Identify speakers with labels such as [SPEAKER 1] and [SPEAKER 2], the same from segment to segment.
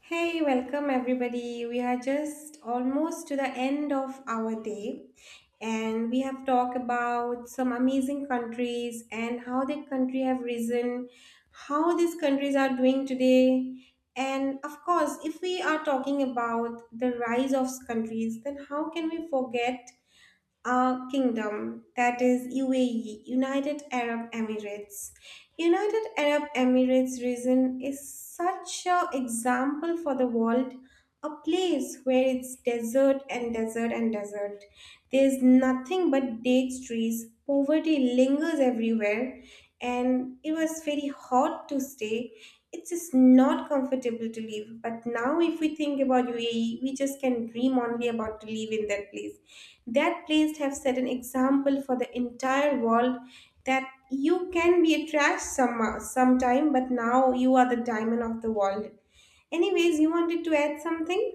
[SPEAKER 1] Hey, welcome everybody. We are just almost to the end of our day and we have talked about some amazing countries and how the country have risen, how these countries are doing today. And of course, if we are talking about the rise of countries, then how can we forget Kingdom, that is UAE, United Arab Emirates. United Arab Emirates region is such a example for the world, a place where it's desert and desert and desert. There's nothing but date trees. Poverty lingers everywhere, and it was very hot to stay. It's just not comfortable to live. But now, if we think about UAE, we just can dream only about to live in that place. That place have set an example for the entire world that you can be a trash sometime, but now you are the diamond of the world. Anyways, you wanted to add something?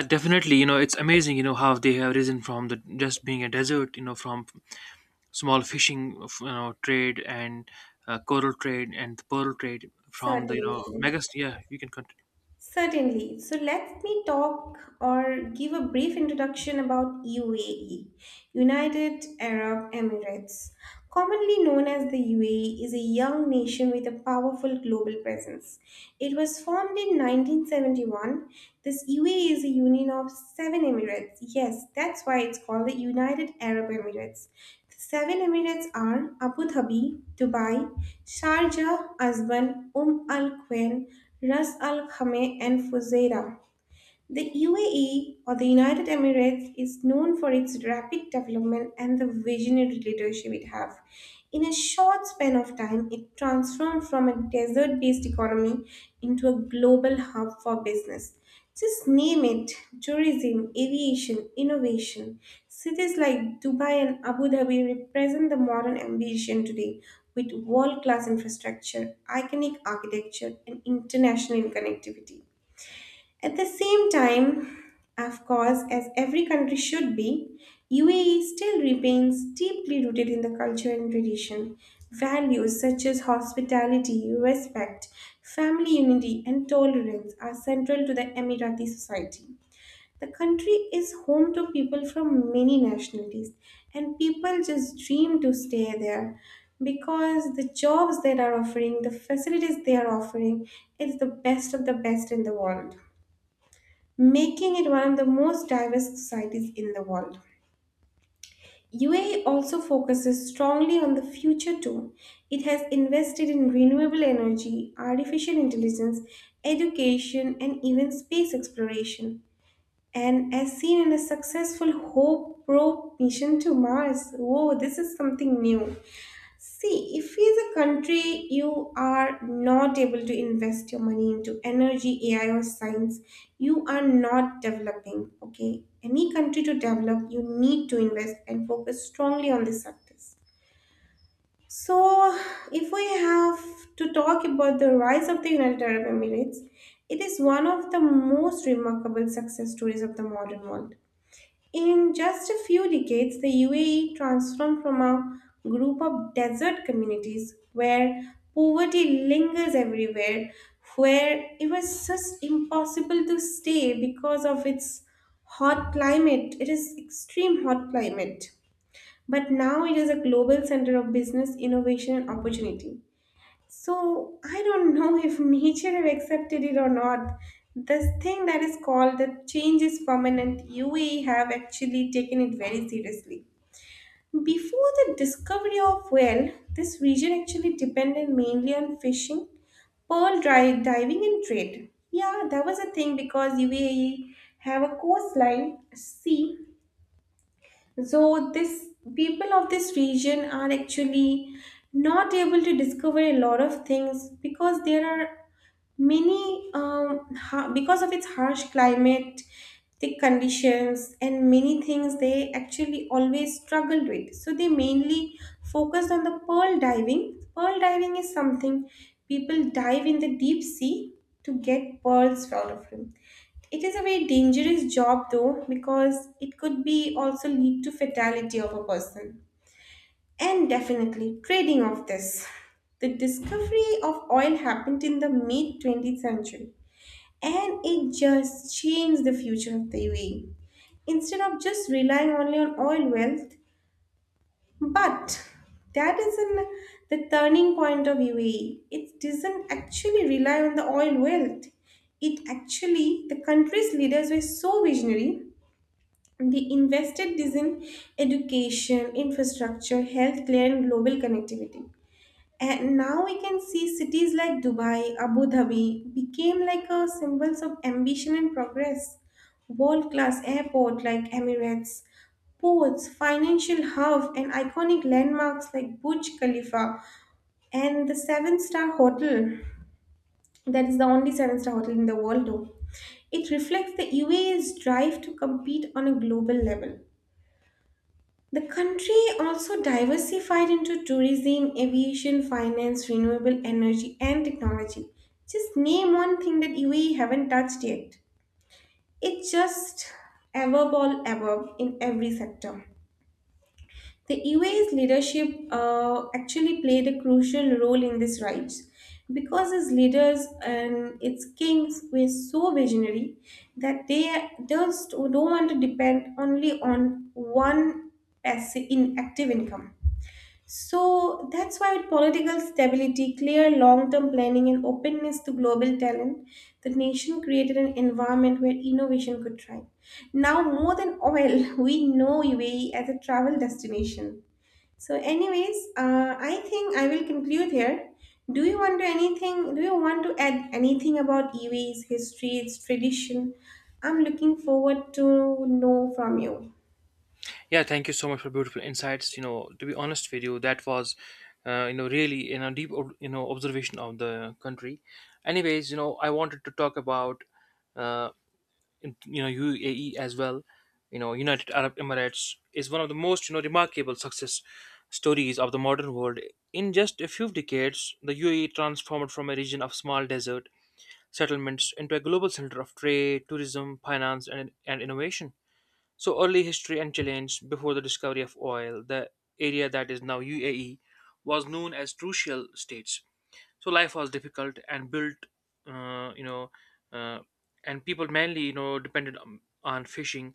[SPEAKER 2] Yeah, definitely. It's amazing. You know how they have risen from the just being a desert. From small fishing, trade and coral trade and the pearl trade from the
[SPEAKER 1] Certainly.
[SPEAKER 2] megas. Yeah, you can continue.
[SPEAKER 1] Certainly. So let me talk or give a brief introduction about UAE, United Arab Emirates. Commonly known as the UAE is a young nation with a powerful global presence. It was formed in 1971. This UAE is a union of seven emirates. Yes, that's why it's called the United Arab Emirates. Seven Emirates are Abu Dhabi, Dubai, Sharjah, Asman, Al Quwain, Ras Al Khaimah, and Fujairah. The UAE or the United Emirates is known for its rapid development and the visionary leadership it has. In a short span of time, it transformed from a desert based economy into a global hub for business. Just name it tourism, aviation, innovation. Cities like Dubai and Abu Dhabi represent the modern ambition today with world class infrastructure, iconic architecture, and international connectivity. At the same time, of course, as every country should be, UAE still remains deeply rooted in the culture and tradition. Values such as hospitality, respect, family unity, and tolerance are central to the Emirati society. The country is home to people from many nationalities, and people just dream to stay there because the jobs they are offering, the facilities they are offering, is the best of the best in the world making it one of the most diverse societies in the world. UAE also focuses strongly on the future too. It has invested in renewable energy, artificial intelligence, education, and even space exploration. And as seen in a successful Hope probe mission to Mars, whoa, this is something new. See, if as a country you are not able to invest your money into energy, AI, or science, you are not developing. Okay, any country to develop, you need to invest and focus strongly on these sectors. So, if we have to talk about the rise of the United Arab Emirates, it is one of the most remarkable success stories of the modern world. In just a few decades, the UAE transformed from a group of desert communities where poverty lingers everywhere, where it was just impossible to stay because of its hot climate. It is extreme hot climate. But now it is a global center of business, innovation, and opportunity. So I don't know if nature have accepted it or not. This thing that is called the change is permanent, UAE have actually taken it very seriously. Before the discovery of whale, this region actually depended mainly on fishing, diving, and trade. Yeah, that was a thing because UAE have a coastline, sea. So this people of this region are actually not able to discover a lot of things because there are because of its harsh climate, thick conditions, and many things, they actually always struggled with. So they mainly focused on the pearl diving. Pearl diving is something people dive in the deep sea to get pearls out of them. It is a very dangerous job though because it could be also lead to fatality of a person and definitely trading of this. The discovery of oil happened in the mid 20th century and it just changed the future of the UAE. Instead of just relying only on oil wealth, but that isn't the turning point of UAE. It doesn't actually rely on the oil wealth. It actually, the country's leaders were so visionary they invested this in education, infrastructure, healthcare, and global connectivity. And now we can see cities like Dubai, Abu Dhabi became like a symbols of ambition and progress. World-class airport like Emirates, ports, financial hub, and iconic landmarks like Burj Khalifa and the seven-star hotel. That is the only seven-star hotel in the world, though. It reflects the UAE's drive to compete on a global level. The country also diversified into tourism, aviation, finance, renewable energy, and technology. Just name one thing that UAE haven't touched yet. It's just above all above in every sector. The UAE's leadership actually played a crucial role in this rise because its leaders and its kings were so visionary that they just don't want to depend only on one passive inactive income. So that's why with political stability, clear long term planning, and openness to global talent, the nation created an environment where innovation could thrive. Now, more than oil, we know UAE as a travel destination. So, anyways, I think I will conclude here. Do you want to anything? Do you want to add anything about UAE's history, its tradition? I'm looking forward to know from you.
[SPEAKER 2] Yeah, thank you so much for beautiful insights. You know, to be honest with you, that was really observation of the country. Anyways, you know, I wanted to talk about. Uh, UAE as well, you know, United Arab Emirates is one of the most remarkable success stories of the modern world. In just a few decades, the UAE transformed from a region of small desert settlements into a global center of trade, tourism, finance, and innovation. So, early history and challenge. Before the discovery of oil, the area that is now UAE was known as Trucial States. So life was difficult and built uh, you know uh, and people mainly depended on fishing,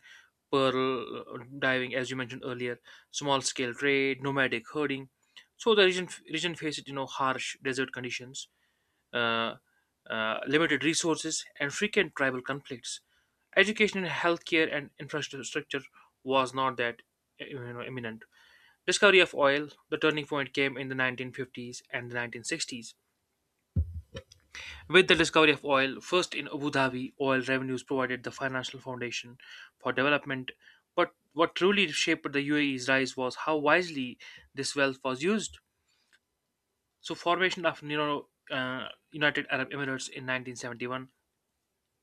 [SPEAKER 2] pearl diving, as you mentioned earlier, small scale trade, nomadic herding. So the region faced harsh desert conditions, uh, limited resources, and frequent tribal conflicts. Education, healthcare, and infrastructure was not that imminent. Discovery of oil, the turning point came in the 1950s and the 1960s with the discovery of oil, first in Abu Dhabi. Oil revenues provided the financial foundation for development. But what truly shaped the UAE's rise was how wisely this wealth was used. So, formation of United Arab Emirates in 1971.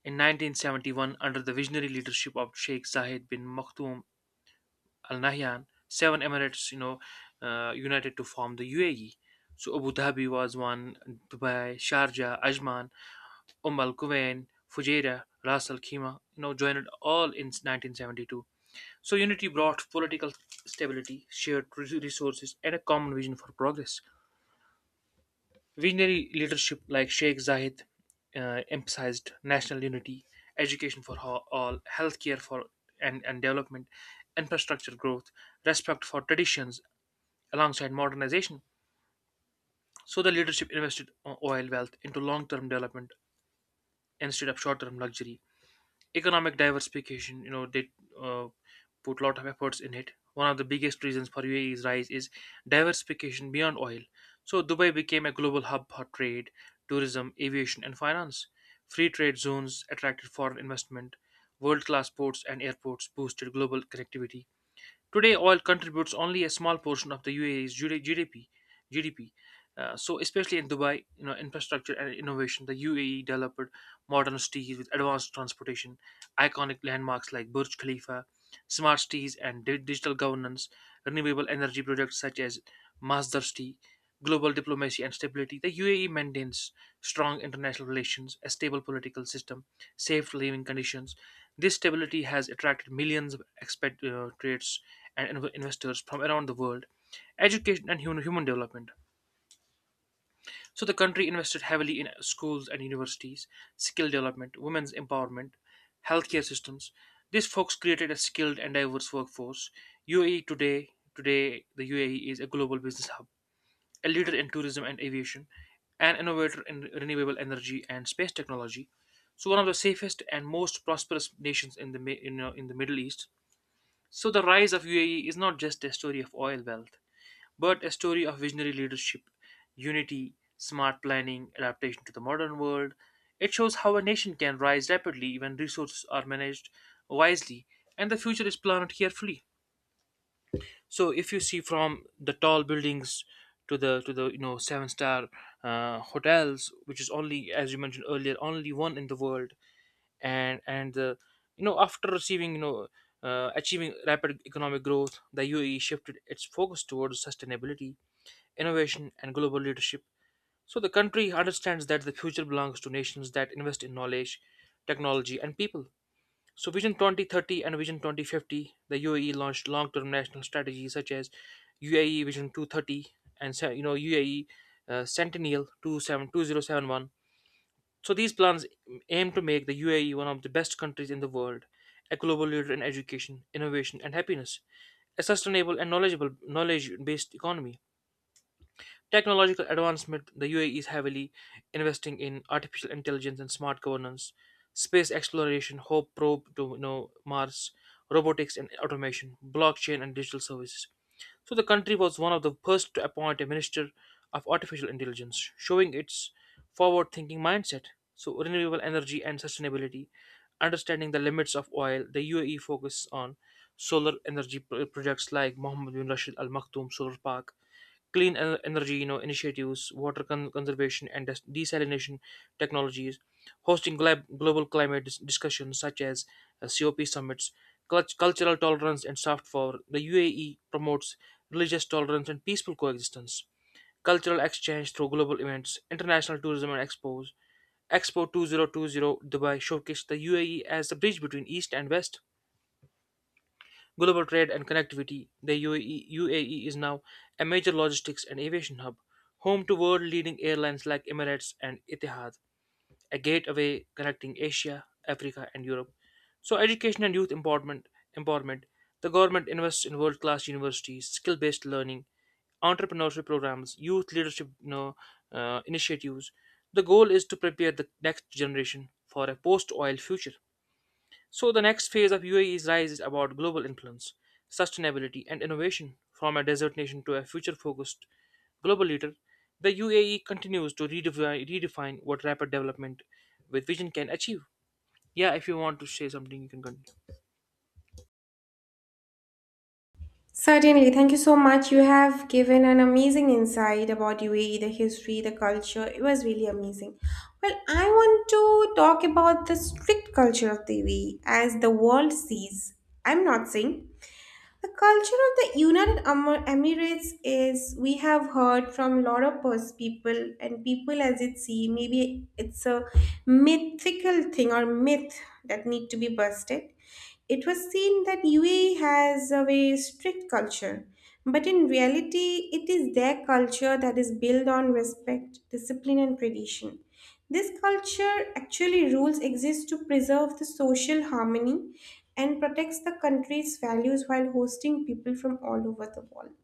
[SPEAKER 2] In 1971, under the visionary leadership of Sheikh Zayed bin Maktoum Al Nahyan, seven emirates, united to form the UAE. So Abu Dhabi was one, Dubai, Sharjah, Ajman, Al Quwain, Fujairah, Ras Al Khaimah, you know, joined all in 1972. So unity brought political stability, shared resources, and a common vision for progress. Visionary leadership like Sheikh Zayed emphasized national unity, education for all, healthcare for and development, infrastructure growth, respect for traditions alongside modernization. So the leadership invested oil wealth into long-term development instead of short-term luxury. Economic diversification, they uh, put a lot of efforts in it. One of the biggest reasons for UAE's rise is diversification beyond oil. So Dubai became a global hub for trade, tourism, aviation, and finance. Free trade zones attracted foreign investment. World class ports and airports boosted global connectivity. Today oil contributes only a small portion of the UAE's GDP. So, especially in Dubai, you know, infrastructure and innovation, the UAE developed modern cities with advanced transportation, iconic landmarks like Burj Khalifa, smart cities and digital governance, renewable energy projects such as Masdar City, global diplomacy and stability. The UAE maintains strong international relations, a stable political system, safe living conditions. This stability has attracted millions of expatriates and investors from around the world. Education and human development. So the country invested heavily in schools and universities, skill development, women's empowerment, healthcare systems. These folks created a skilled and diverse workforce. UAE today, Today the UAE is a global business hub, a leader in tourism and aviation, an innovator in renewable energy and space technology. So one of the safest and most prosperous nations in the in the Middle East. So the rise of UAE is not just a story of oil wealth but a story of visionary leadership, unity, smart planning, adaptation to the modern world. It shows how a nation can rise rapidly when resources are managed wisely and the future is planned carefully. So if you see from the tall buildings to the seven star hotels, which is only, as you mentioned earlier, only one in the world, and the after receiving achieving rapid economic growth, the UAE shifted its focus towards sustainability, innovation, and global leadership. So the country understands that the future belongs to nations that invest in knowledge, technology, and people. So Vision 2030 and Vision 2050, the UAE launched long-term national strategies such as UAE Vision 230 UAE Centennial 27 2071. So these plans aim to make the UAE one of the best countries in the world, a global leader in education, innovation, and happiness, a sustainable and knowledgeable knowledge-based economy. Technological advancement. The UAE is heavily investing in artificial intelligence and smart governance, space exploration, Hope probe to, you know, Mars, robotics and automation, blockchain and digital services. So the country was one of the first to appoint a minister of artificial intelligence, showing its forward thinking mindset. So renewable energy and sustainability, understanding the limits of oil, the UAE focus on solar energy projects like Mohammed bin Rashid Al Maktoum Solar Park, clean energy, initiatives, water conservation and desalination technologies, hosting global climate discussions such as COP summits, cultural tolerance, and soft power. The UAE promotes religious tolerance and peaceful coexistence, cultural exchange through global events, international tourism and expos. Expo 2020 Dubai showcased the UAE as the bridge between East and West, global trade and connectivity. UAE is now a major logistics and aviation hub, home to world leading airlines like Emirates and Etihad, a gateway connecting Asia, Africa, and Europe. So, education and youth empowerment. The government invests in world class universities, skill based learning, entrepreneurship programs, youth leadership, initiatives. The goal is to prepare the next generation for a post oil future. So, the next phase of UAE's rise is about global influence, sustainability, and innovation. From a desert nation to a future focused global leader, the UAE continues to redefine what rapid development with vision can achieve. Yeah, if you want to say something, you can continue.
[SPEAKER 1] Certainly, thank you so much. You have given an amazing insight about UAE, the history, the culture. It was really amazing. Well, I want to talk about the strict culture of the UAE as the world sees. I'm not saying the culture of the Emirates is we have heard from a lot of people and people as it see maybe it's a mythical thing or myth that need to be busted. It was seen that UAE has a very strict culture, but in reality, it is their culture that is built on respect, discipline, and tradition. This culture actually rules exist to preserve the social harmony and protects the country's values while hosting people from all over the world.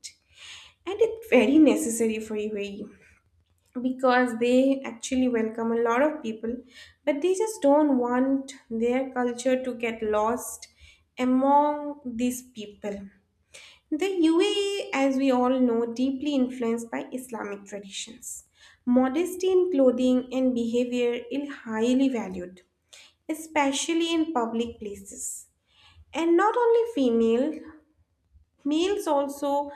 [SPEAKER 1] And it's very necessary for UAE because they actually welcome a lot of people, but they just don't want their culture to get lost among these people. The UAE, as we all know, deeply influenced by Islamic traditions. Modesty in clothing and behavior is highly valued, especially in public places. And not only female, males also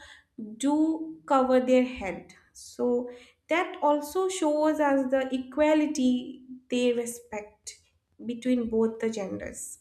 [SPEAKER 1] do cover their head. So that also shows us the equality they respect between both the genders.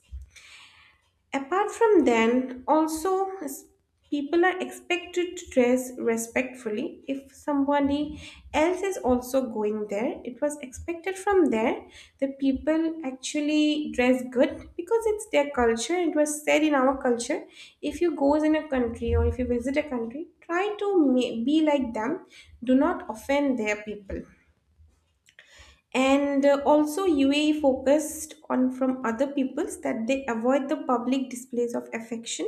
[SPEAKER 1] Apart from then, also people are expected to dress respectfully. If somebody else is also going there, it was expected from there that people actually dress good because it's their culture. It was said in our culture, if you goes in a country or if you visit a country, try to be like them. Do not offend their people and also UAE focused on from other peoples that they avoid the public displays of affection.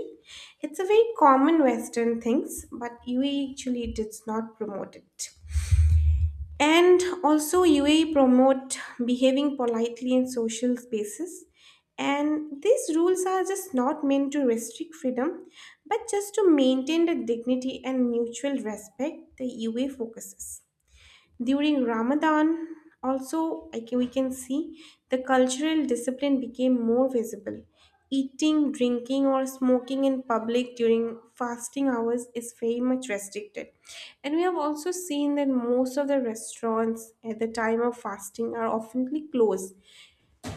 [SPEAKER 1] It's a very common Western things, but UAE actually did not promote it. And also UAE promote behaving politely in social spaces. And these rules are just not meant to restrict freedom, but just to maintain the dignity and mutual respect the UAE focuses. During Ramadan, also, we can see the cultural discipline became more visible. Eating, drinking, or smoking in public during fasting hours is very much restricted. And we have also seen that most of the restaurants at the time of fasting are often closed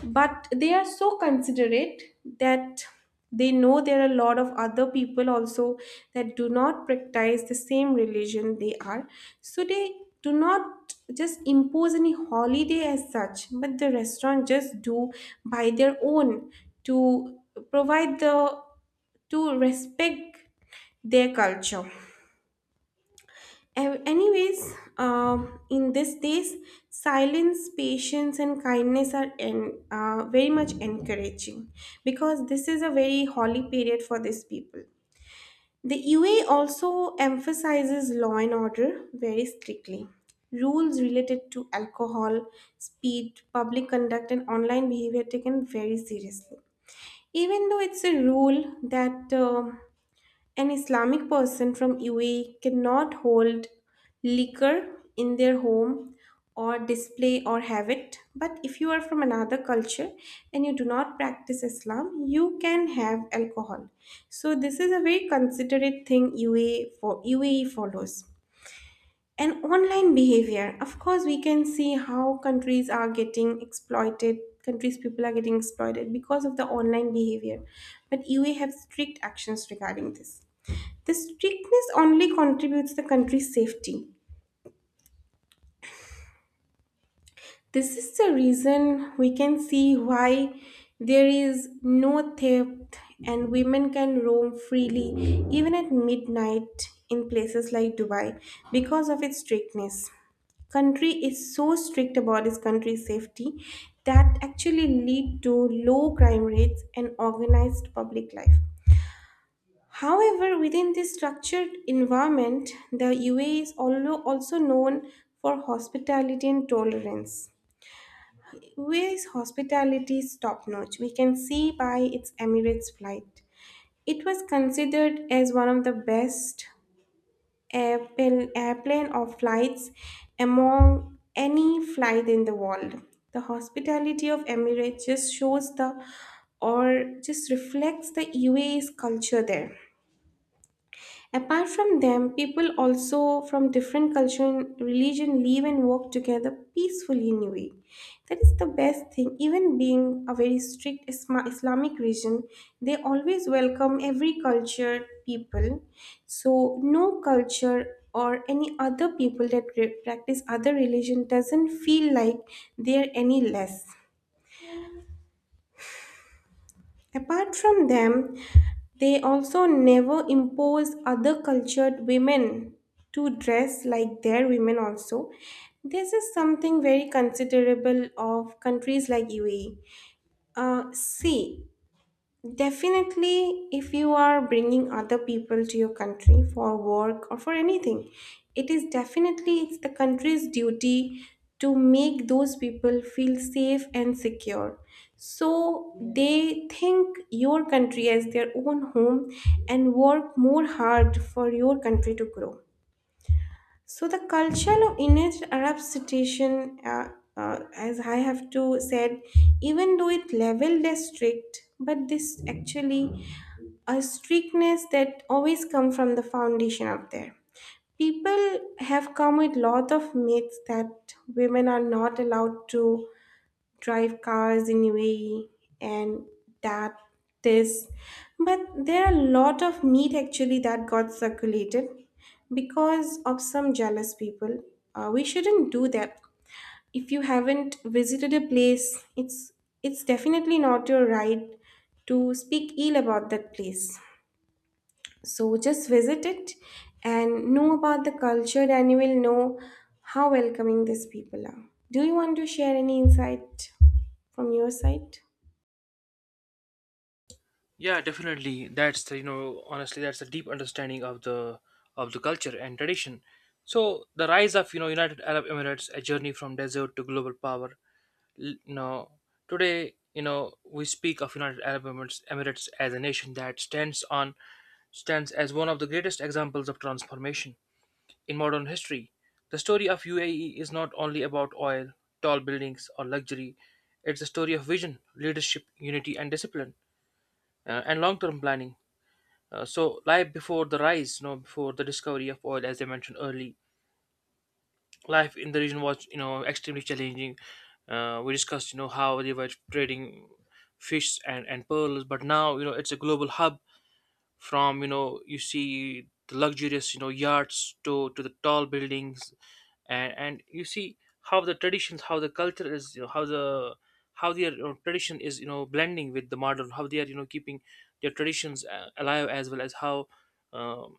[SPEAKER 1] but they are so considerate that they know there are a lot of other people also that do not practice the same religion they are so they do not just impose any holiday as such but the restaurant just do by their own to provide the to respect their culture Anyways, in these days, silence, patience, and kindness are very much encouraging because this is a very holy period for these people. The UA also emphasizes law and order very strictly. Rules related to alcohol, speed, public conduct, and online behavior taken very seriously. Even though it's a rule that an Islamic person from UAE cannot hold liquor in their home or display or have it. But if you are from another culture and you do not practice Islam, you can have alcohol. So this is a very considerate thing UAE for UAE follows. And online behavior, of course, we can see how countries are getting exploited, countries people are getting exploited because of the online behavior. But UAE have strict actions regarding this. The strictness only contributes the country's safety. This is the reason we can see why there is no theft and women can roam freely even at midnight in places like Dubai because of its strictness. Country is so strict about its country's safety that actually lead to low crime rates and organized public life. However, within this structured environment, the UAE is also known for hospitality and tolerance. UAE's hospitality is top notch. We can see by its Emirates flight. It was considered as one of the best airplane or flights among any flight in the world. The hospitality of Emirates just shows the or just reflects the UAE's culture there. Apart from them, people also from different culture and religion live and work together peacefully in UAE. That is the best thing. Even being a very strict Islamic region, they always welcome every culture people. So no culture or any other people that practice other religion doesn't feel like they're any less. Apart from them, they also never impose other cultured women to dress like their women also. This is something very considerable of countries like UAE. Uh, see, Definitely, if you are bringing other people to your country for work or for anything, it is definitely it's the country's duty to make those people feel safe and secure. So they think your country as their own home and work more hard for your country to grow. So the culture of Indian Arab situation, as I have to said, even though it leveled as strict, but this actually a strictness that always come from the foundation up there. People have come with lot of myths that women are not allowed to drive cars in UAE and that this but there are a lot of myth actually that got circulated because of some jealous people. We shouldn't do that. If you haven't visited a place, it's definitely not your right to speak ill about that place. So just visit it and know about the culture, and you will know how welcoming these people are. Do you want to share any insight from your side?
[SPEAKER 2] Yeah, definitely. That's the, you know, honestly, that's a deep understanding of the culture and tradition. So the rise of United Arab Emirates, a journey from desert to global power, l- you today, you know, we speak of Emirates as a nation that stands as one of the greatest examples of transformation in modern history. The story of UAE is not only about oil, tall buildings, or luxury. It's a story of vision, leadership, unity, and discipline, and long-term planning. So, life before the rise, you know, before the discovery of oil, as I mentioned early, life in the region was extremely challenging. We discussed how they were trading fish and pearls, but now, you know, it's a global hub. From, you know, you see the luxurious, you know, yachts to the tall buildings, and you see how the traditions, how the culture is, you know, how the how their, you know, tradition is, you know, blending with the modern, how they are, you know, keeping their traditions alive, as well as how um,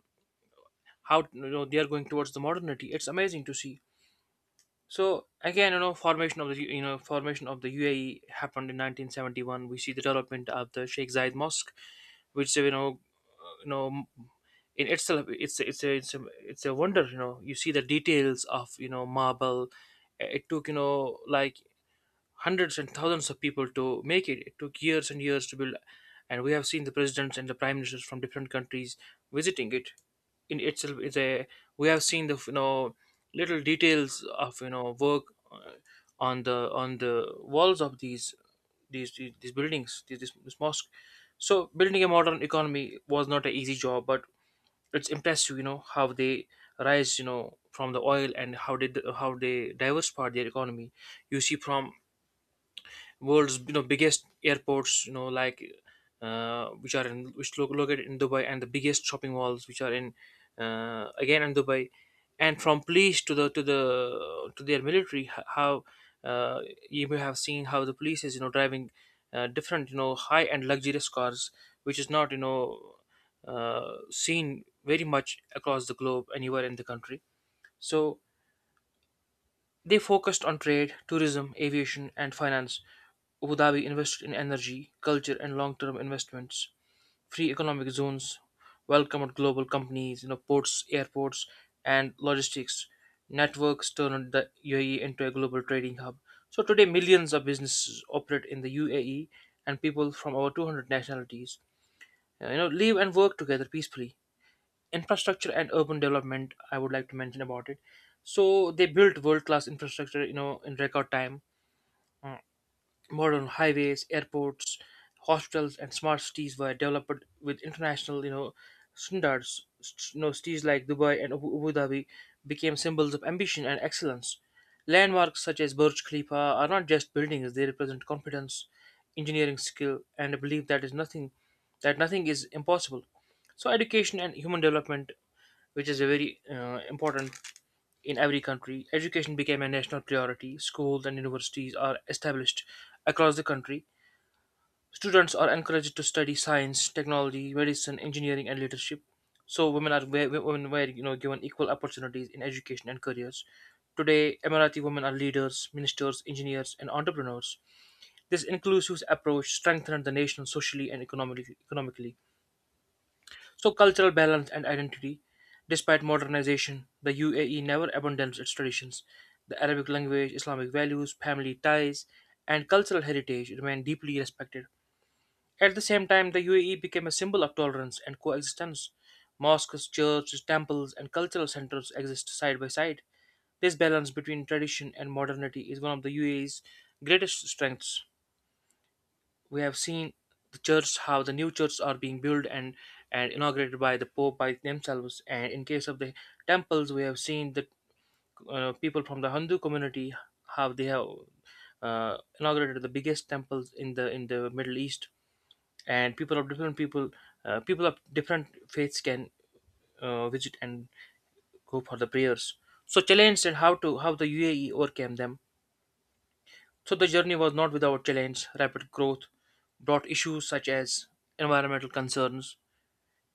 [SPEAKER 2] how, you know, they are going towards the modernity. It's amazing to see. So again, you know, formation of the UAE happened in 1971. We see the development of the Sheikh Zayed Mosque, which, you know in itself, it's, it's a, it's a wonder. You know, you see the details of, you know, marble. It took, you know, like hundreds and thousands of people to make it. It took years and years to build, and we have seen the presidents and the prime ministers from different countries visiting it. In itself is a, we have seen the, you know, little details of, you know, work uh, on the walls of these buildings, this mosque. So building a modern economy was not an easy job, but it's impressive, you know, how they rise, you know, from the oil and how they diversified their economy. You see from world's, you know, biggest airports, you know, like which located in Dubai, and the biggest shopping malls which are in, again, in Dubai, and from police to the to their military, h- how uh, you may have seen how the police is, you know, driving different, you know, high and luxurious cars, which is not, seen very much across the globe anywhere in the country. So they focused on trade, tourism, aviation, and finance. Abu Dhabi invested in energy, culture, and long term investments. Free economic zones welcomed global companies, you know, ports, airports, and logistics. Networks turned the UAE into a global trading hub. So today, millions of businesses operate in the UAE, and people from over 200 nationalities live and work together peacefully. Infrastructure and urban development, I would like to mention about it. So they built world class infrastructure, in record time. Mm. Modern highways, airports, hospitals and smart cities were developed with international, standards. Cities like Dubai and Abu Dhabi became symbols of ambition and excellence. Landmarks such as Burj Khalifa are not just buildings, they represent confidence, engineering skill and a belief that is nothing that nothing is impossible. So education and human development, which is a very important in every country. Education became a national priority. Schools and universities are established across the country. Students are encouraged to study science, technology, medicine, engineering, and leadership. So women are wi- wi- women were, given equal opportunities in education and careers. Today, Emirati women are leaders, ministers, engineers, and entrepreneurs. This inclusive approach strengthened the nation socially and economically. So, cultural balance and identity. Despite modernization, the UAE never abandons its traditions. The Arabic language, Islamic values, family ties, and cultural heritage remain deeply respected. At the same time, the UAE became a symbol of tolerance and coexistence. Mosques, churches, temples, and cultural centers exist side by side. This balance between tradition and modernity is one of the UAE's greatest strengths. We have seen the church, how the new churches are being built and inaugurated by the pope by themselves, and in case of the temples, we have seen the people from the Hindu community, how they have inaugurated the biggest temples in the Middle East. And people of different faiths can visit and go for the prayers. So challenged and how the UAE overcame them. So the journey was not without challenge. Rapid growth brought issues such as environmental concerns,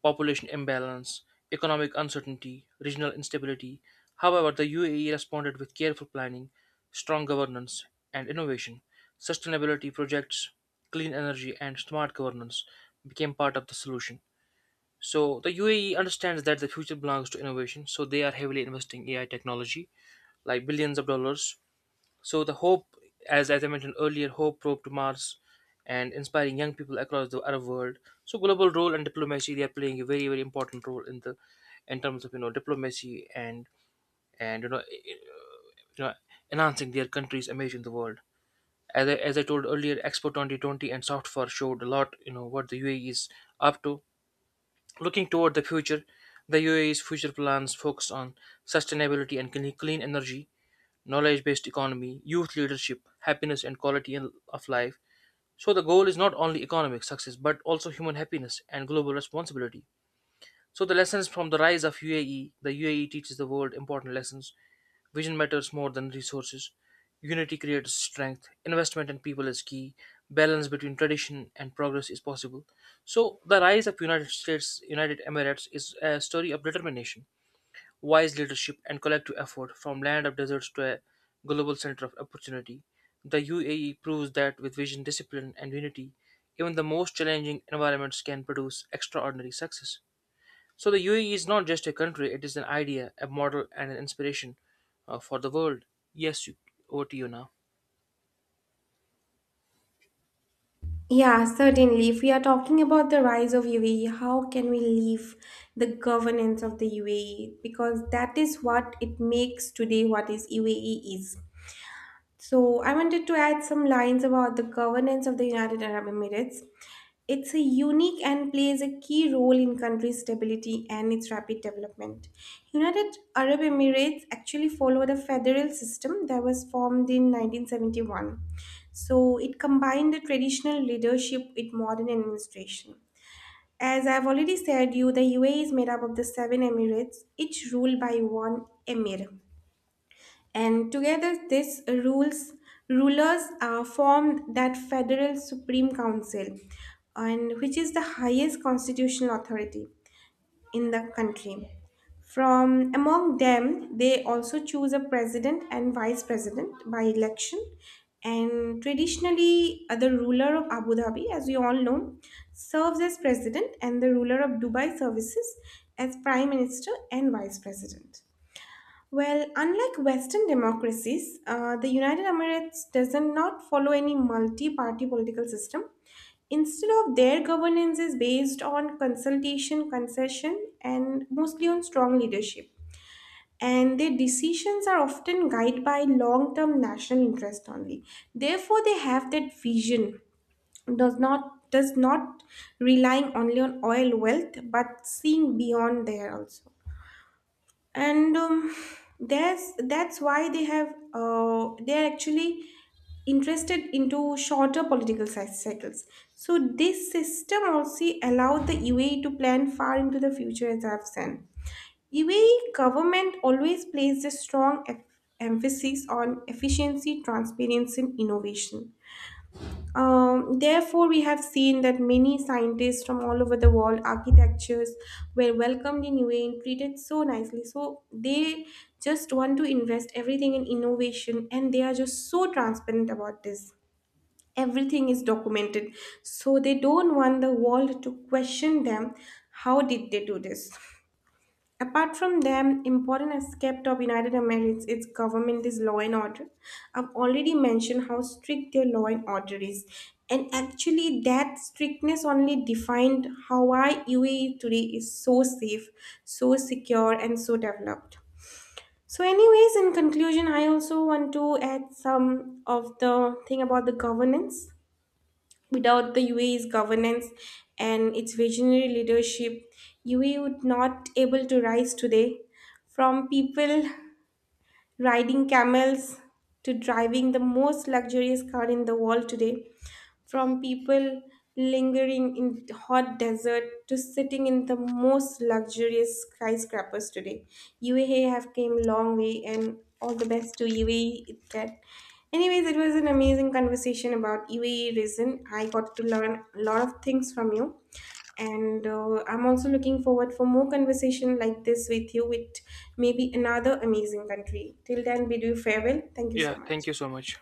[SPEAKER 2] population imbalance, economic uncertainty, regional instability. However, the UAE responded with careful planning, strong governance, and innovation. Sustainability projects, clean energy, and smart governance became part of the solution. So the UAE understands that the future belongs to innovation, so they are heavily investing AI technology, like billions of dollars. So the hope, as I mentioned earlier, hope probe to Mars, and inspiring young people across the Arab world. So global role and diplomacy, they are playing a very very important role in the, in terms of, diplomacy and and you know i- i- you know enhancing their country's image in the world. As I told earlier, Expo 2020 and Software showed a lot, you know, what the UAE is up to. Looking toward the future, the UAE's future plans focus on sustainability and clean energy, knowledge based economy, youth leadership, happiness, and quality of life. So, the goal is not only economic success but also human happiness and global responsibility. So the lessons from the rise of UAE, the UAE teaches the world important lessons. Vision matters more than resources. Unity creates strength. Investment in people is key. Balance between tradition and progress is possible. So the rise of United Emirates is a story of determination, wise leadership and collective effort, from land of deserts to a global center of opportunity. The UAE proves that with vision, discipline and unity, even the most challenging environments can produce extraordinary success. So the UAE is not just a country, it is an idea, a model, and an inspiration, for the world. Yes, you, over to you now.
[SPEAKER 1] Yeah, certainly. If we are talking about the rise of UAE, how can we leave the governance of the UAE? Because that is what it makes today what is UAE is. So I wanted to add some lines about the governance of the United Arab Emirates. It's a unique and plays a key role in country's stability and its rapid development. United Arab Emirates actually follow the federal system that was formed in 1971. So it combined the traditional leadership with modern administration. As I've already said you, the UAE is made up of the seven emirates, each ruled by one emir. And together, this rules rulers formed that federal supreme council, and which is the highest constitutional authority in the country. From among them, they also choose a president and vice president by election. And traditionally, the ruler of Abu Dhabi, as we all know, serves as president, and the ruler of Dubai services as prime minister and vice president. Well, unlike Western democracies, the United Emirates does not follow any multi-party political system. Instead of their governance is based on consultation, concession, and mostly on strong leadership. And their decisions are often guided by long-term national interest only. Therefore, they have that vision does not relying only on oil wealth, but seeing beyond there also. And that's why they have they're actually interested into shorter political cycles. So this system also allowed the UAE to plan far into the future. As I've said, UAE government always placed a strong emphasis on efficiency, transparency, and innovation. Therefore, we have seen that many scientists from all over the world, architectures, were welcomed in UAE and treated so nicely. So they just want to invest everything in innovation, and they are just so transparent about this. Everything is documented, so they don't want the world to question them. How did they do this? Apart from them, important aspect of United Emirates its government is law and order. I've already mentioned how strict their law and order is, and actually that strictness only defined how why UAE today is so safe, so secure, and so developed. So, anyways, in conclusion, I also want to add some of the thing about the governance. Without the UAE's governance and its visionary leadership, UAE would not able to rise today. From people riding camels to driving the most luxurious car in the world today, from people lingering in hot desert to sitting in the most luxurious skyscrapers today. UAE have came long way and all the best to UAE it can. Anyways, it was an amazing conversation about UAE reason. I got to learn a lot of things from you. And I'm also looking forward for more conversation like this with you with maybe another amazing country. Till then, bid you farewell. Thank you so
[SPEAKER 2] Yeah,
[SPEAKER 1] much.
[SPEAKER 2] thank you so much.